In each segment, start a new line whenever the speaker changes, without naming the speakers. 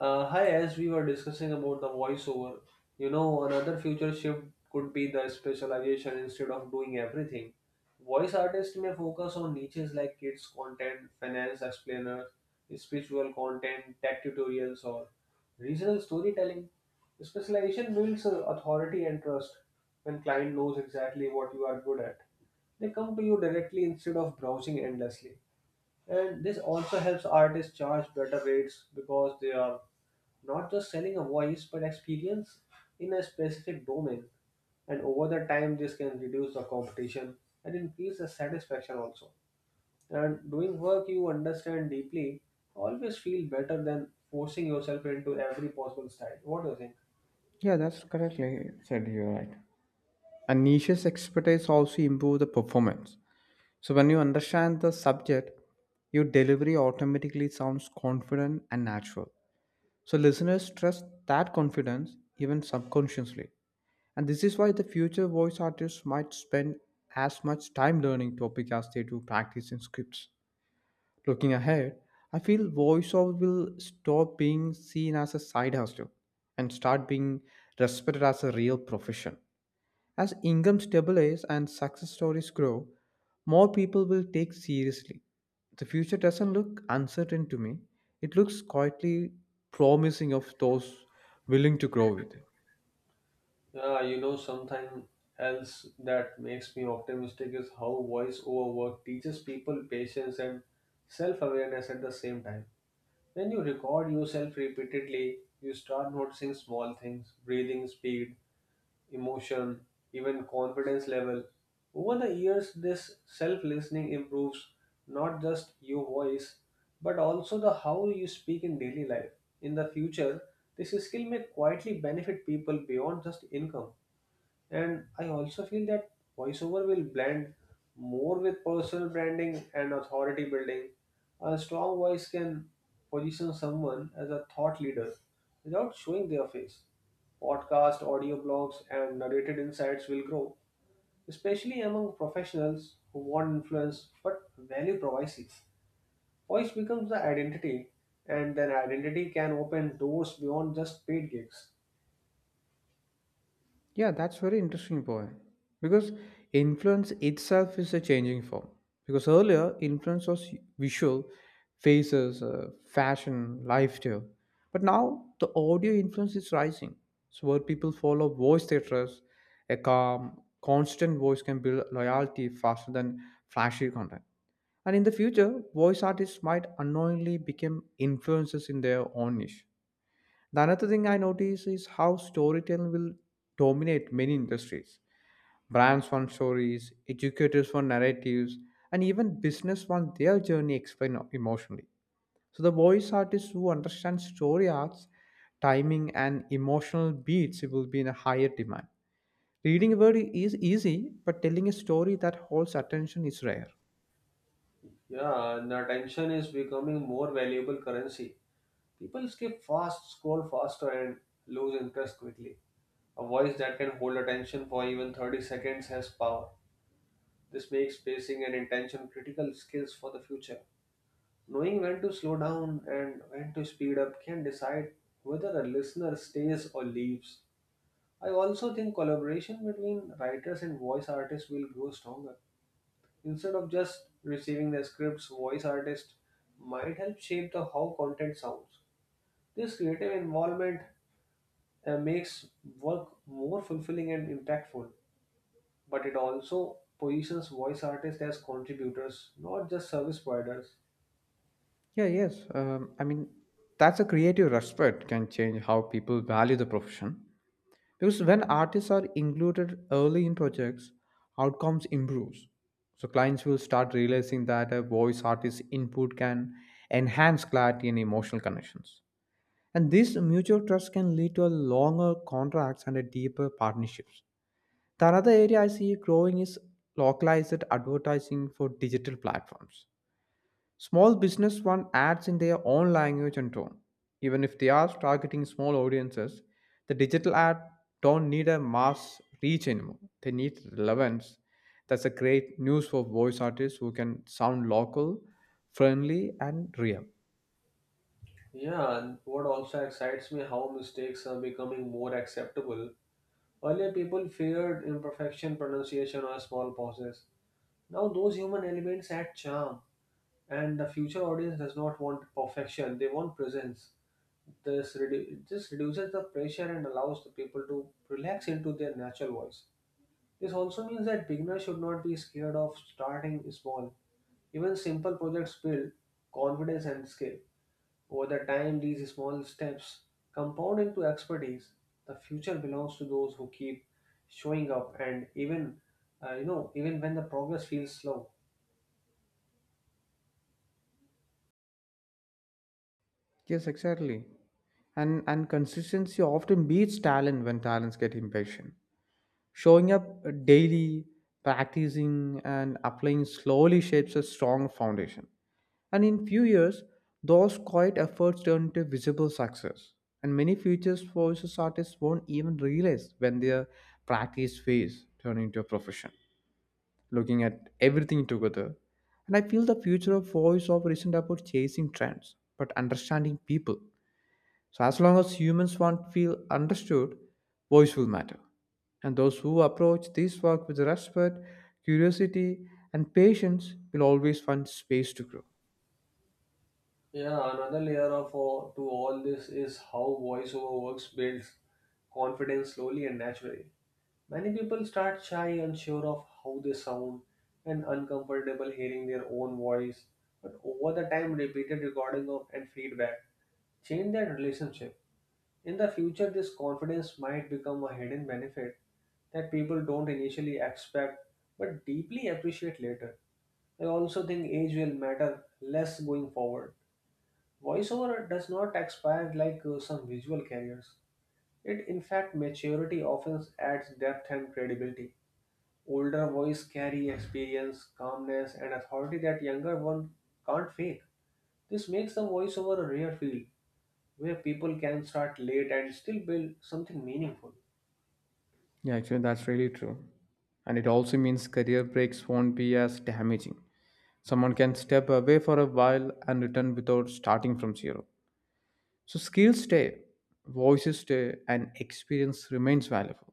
Hi, as we were discussing about the voiceover, you know, another future shift could be the specialization instead of doing everything. Voice artists may focus on niches like kids content, finance explainers, spiritual content, tech tutorials, or regional storytelling. Specialization builds authority and trust when client knows exactly what you are good at. They come to you directly instead of browsing endlessly. And this also helps artists charge better rates because they are not just selling a voice but experience in a specific domain, and over the time this can reduce the competition and increase the satisfaction also, and doing work you understand deeply always feel better than forcing yourself into every possible style. What do you think?
Yeah, that's correctly said. You're right. And niche's expertise also improve the performance. So when you understand the subject, your delivery automatically sounds confident and natural. So listeners trust that confidence even subconsciously. And this is why the future voice artists might spend as much time learning topic as they do practicing scripts. Looking ahead, I feel voiceover will stop being seen as a side hustle and start being respected as a real profession. As income stabilizes and success stories grow, more people will take seriously. The future doesn't look uncertain to me. It looks quietly promising of those willing to grow with it.
Yeah, you know something else that makes me optimistic is how voice over work teaches people patience and self-awareness at the same time. When you record yourself repeatedly, you start noticing small things breathing speed, emotion, even confidence level. Over the years, this self listening improves not just your voice but also the how you speak in daily life. In the future, this skill may quietly benefit people beyond just income. And I also feel that voiceover will blend more with personal branding and authority building. A strong voice can position someone as a thought leader without showing their face. Podcast, audio blogs, and narrated insights will grow, especially among professionals who want influence but value privacy. Voice becomes the identity, and then identity can open doors beyond just paid gigs.
Yeah, that's very interesting point. Because influence itself is a changing form. Because earlier, influence was visual, faces, fashion, lifestyle. But now, the audio influence is rising. So, where people follow voice they trust, a calm, constant voice can build loyalty faster than flashy content. And in the future, voice artists might unknowingly become influencers in their own niche. The another thing I notice is how storytelling will dominate many industries. Brands want stories, educators want narratives, and even business want their journey explained emotionally. So the voice artists who understand story arcs, timing, and emotional beats will be in a higher demand. Reading a word is easy, but telling a story that holds attention is rare.
Yeah, and attention is becoming more valuable currency. People skip fast, scroll faster, and lose interest quickly. A voice that can hold attention for even 30 seconds has power. This makes pacing and intention critical skills for the future. Knowing when to slow down and when to speed up can decide whether a listener stays or leaves. I also think collaboration between writers and voice artists will grow stronger. Instead of just receiving the scripts, voice artists might help shape the how content sounds. This creative involvement makes work more fulfilling and impactful, but it also positions voice artists as contributors, not just service providers.
Yeah, yes. I mean, that's a creative respect can change how people value the profession. Because when artists are included early in projects outcomes improves, so clients will start realizing that a voice artist input can enhance clarity and emotional connections. And this mutual trust can lead to a longer contracts and a deeper partnerships. The another area I see growing is localized advertising for digital platforms. Small business one adds in their own language and tone. Even if they are targeting small audiences, the digital ad don't need a mass reach anymore. They need relevance. That's a great news for voice artists who can sound local, friendly, and real.
Yeah, and what also excites me how mistakes are becoming more acceptable. Earlier, people feared imperfection, pronunciation, or small pauses. Now, those human elements add charm, and the future audience does not want perfection; they want presence. This reduces the pressure and allows the people to relax into their natural voice. This also means that beginners should not be scared of starting small. Even simple projects build confidence and skill. Over the time, these small steps compound into expertise. The future belongs to those who keep showing up, and even you know, even when the progress feels slow.
Yes, exactly. And consistency often beats talent when talents get impatient. Showing up daily, practicing, and applying slowly shapes a strong foundation. And in few years, those quiet efforts turned into visible success. And many future voices artists won't even realize when their practice phase turned into a profession, looking at everything together. And I feel the future of voiceover isn't about chasing trends, but understanding people. So as long as humans won't feel understood, voice will matter. And those who approach this work with respect, curiosity, and patience will always find space to grow.
Yeah, another layer of to all this is how voiceover works builds confidence slowly and naturally. Many people start shy, unsure of how they sound, and uncomfortable hearing their own voice. But over the time, repeated recording of and feedback change their relationship. In the future, this confidence might become a hidden benefit that people don't initially expect but deeply appreciate later. I also think age will matter less going forward. Voiceover does not expire like some visual carriers. It, in fact, maturity often adds depth and credibility. Older boys carry experience, calmness, and authority that younger one can't fake. This makes the voiceover a rare field where people can start late and still build something meaningful.
Yeah, actually, that's really true. And it also means career breaks won't be as damaging. Someone can step away for a while and return without starting from zero. So, skills stay, voices stay, and experience remains valuable.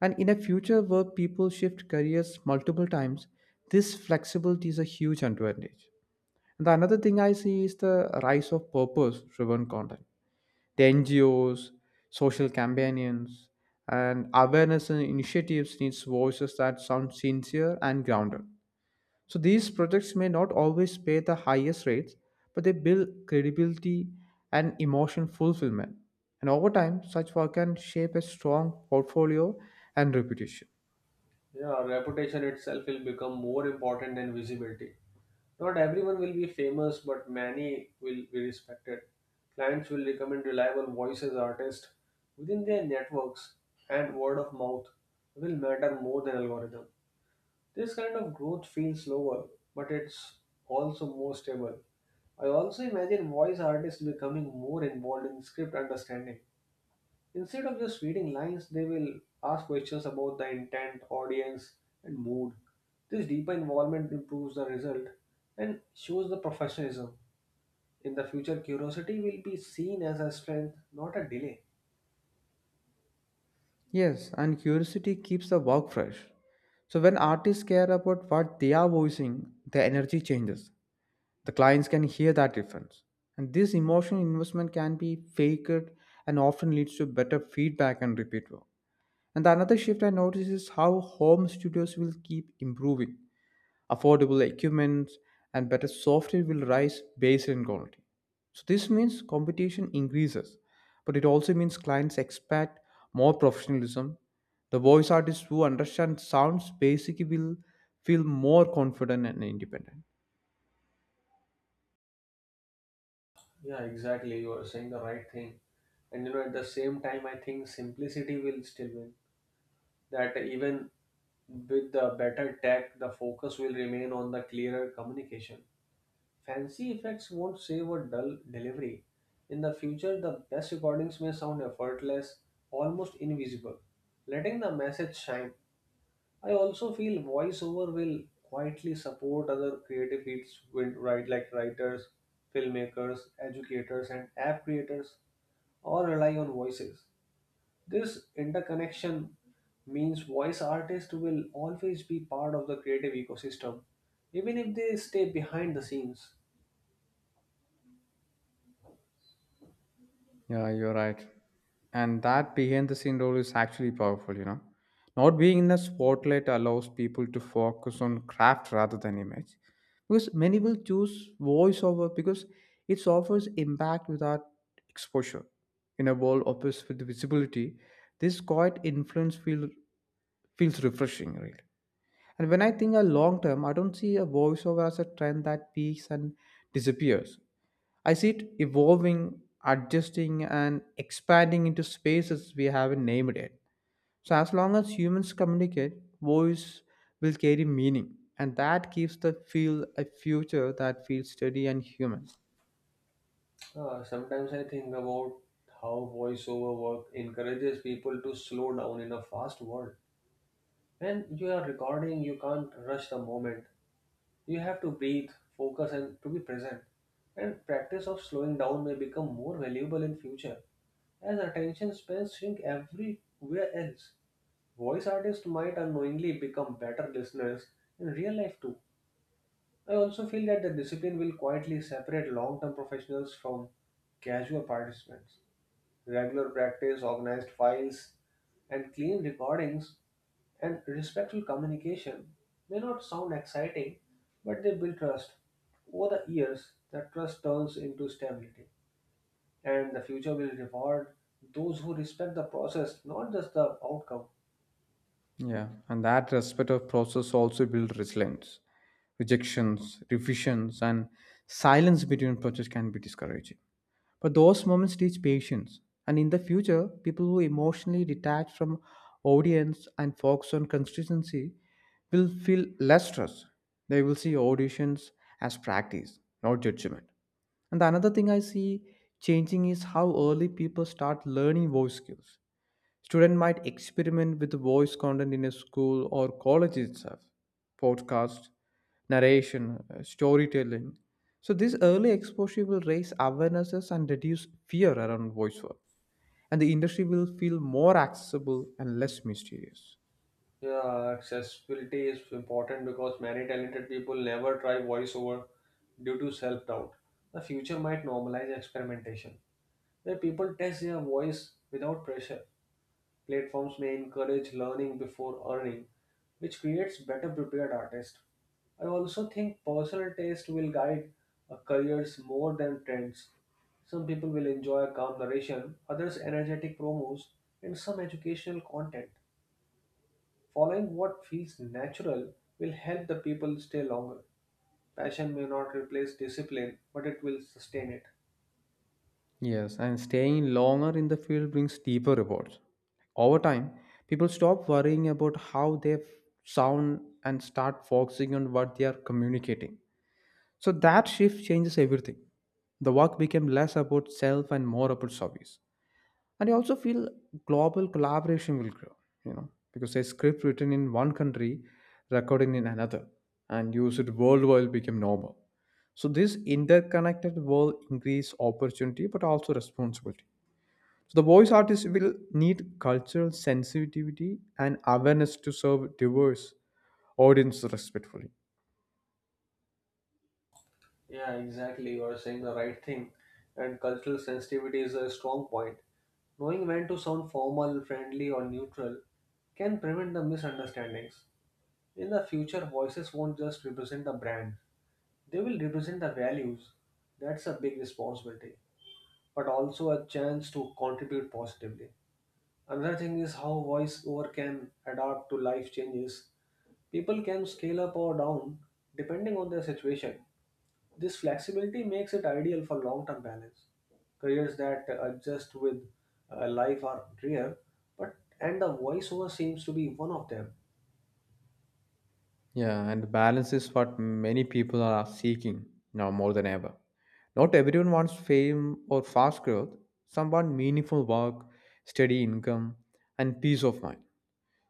And in a future where people shift careers multiple times, this flexibility is a huge advantage. And the another thing I see is the rise of purpose driven content, the NGOs, social campaigns, and awareness and initiatives needs voices that sound sincere and grounded. So these projects may not always pay the highest rates, but they build credibility and emotion fulfillment. And over time, such work can shape a strong portfolio and reputation.
Yeah, reputation itself will become more important than visibility. Not everyone will be famous, but many will be respected. Clients will recommend reliable voices artists within their networks, and word of mouth will matter more than algorithm. This kind of growth feels slower, but it's also more stable. I also imagine voice artists becoming more involved in script understanding. Instead of just reading lines, they will ask questions about the intent, audience, and mood. This deeper involvement improves the result and shows the professionalism. In the future, curiosity will be seen as a strength, not a delay.
Yes, and curiosity keeps the work fresh. So when artists care about what they are voicing, their energy changes. The clients can hear that difference. And this emotional investment can be faked and often leads to better feedback and repeat work. And the another shift I notice is how home studios will keep improving. Affordable equipment and better software will rise based on quality. So this means competition increases, but it also means clients expect more professionalism. The voice artists who understand sounds basically will feel more confident and independent.
Yeah, exactly. You are saying the right thing. And you know, at the same time, I think simplicity will still win. That even with the better tech, the focus will remain on the clearer communication. Fancy effects won't save a dull delivery. In the future, the best recordings may sound effortless, almost invisible, letting the message shine. I also feel voiceover will quietly support other creative fields with right like writers, filmmakers, educators, and app creators all rely on voices. This interconnection means voice artists will always be part of the creative ecosystem, even if they stay behind the scenes.
Yeah, you're right. And that behind the scene role is actually powerful. You know. Not being in the spotlight allows people to focus on craft rather than image. Because many will choose voiceover because it offers impact without exposure. In a world obsessed with visibility, this quiet feels refreshing, really. And when I think a long term, I don't see a voiceover as a trend that peaks and disappears. I see it evolving, adjusting, and expanding into spaces we haven't named yet. So, as long as humans communicate, voice will carry meaning, and that gives the field a future that feels steady and human.
Sometimes I think about how voiceover work encourages people to slow down in a fast world. When you are recording, you can't rush the moment. You have to breathe, focus, and to be present. And practice of slowing down may become more valuable in future as attention spans shrink everywhere else. Voice artists might unknowingly become better listeners in real life too. I also feel that the discipline will quietly separate long term professionals from casual participants. Regular practice, organized files, and clean recordings and respectful communication may not sound exciting, but they build trust. Over the years, that trust turns into stability, and the future will reward those who respect the process, not just the outcome.
Yeah, and that respect of process also builds resilience. Rejections, revisions, and silence between projects can be discouraging. But those moments teach patience. And in the future, people who emotionally detach from audience and focus on consistency will feel less stress. They will see auditions as practice, not judgment. And the another thing I see changing is how early people start learning voice skills. Student might experiment with voice content in a school or college itself, podcast, narration, storytelling. So this early exposure will raise awarenesses and reduce fear around voice work. And the industry will feel more accessible and less mysterious.
Yeah, accessibility is important because many talented people never try voiceover due to self doubt. The future might normalize experimentation, where people test their voice without pressure. Platforms may encourage learning before earning, which creates better prepared artists. I also think personal taste will guide careers more than trends. Some people will enjoy calm narration, others energetic promos, and some educational content. Following what feels natural will help the people stay longer. Passion may not replace discipline, but it will sustain it.
Yes, and staying longer in the field brings deeper rewards. Over time, people stop worrying about how they sound and start focusing on what they are communicating. So that shift changes everything. The work became less about self and more about service. And I also feel global collaboration will grow, you know, because a script written in one country, recorded in another, and used worldwide became normal. So this interconnected world increase opportunity but also responsibility. So the voice artist will need cultural sensitivity and awareness to serve diverse audience respectfully.
Yeah, exactly. You are saying the right thing. And cultural sensitivity is a strong point. Knowing when to sound formal, friendly, or neutral can prevent the misunderstandings. In the future, voices won't just represent the brand, they will represent the values. That's a big responsibility, but also a chance to contribute positively. Another thing is how voiceover can adapt to life changes. People can scale up or down depending on their situation. This flexibility makes it ideal for long term balance. Careers that adjust with life are rare, but and the voiceover seems to be one of them.
Yeah, and balance is what many people are seeking now more than ever. Not everyone wants fame or fast growth. Some want meaningful work, steady income, and peace of mind.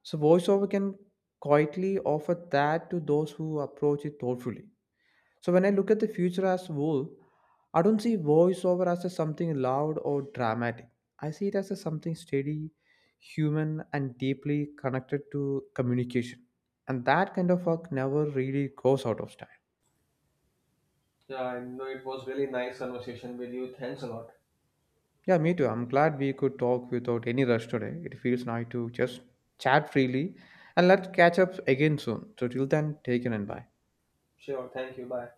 So, voiceover can quietly offer that to those who approach it thoughtfully. So when I look at the future as a whole, I don't see voiceover as a something loud or dramatic. I see it as a something steady, human, and deeply connected to communication. And that kind of work never really goes out of style.
Yeah, I know it was really nice conversation with you. Thanks a lot.
Yeah, me too. I'm glad we could talk without any rush today. It feels nice to just chat freely and let's catch up again soon. So till then, take care and bye.
Sure, thank you. Bye.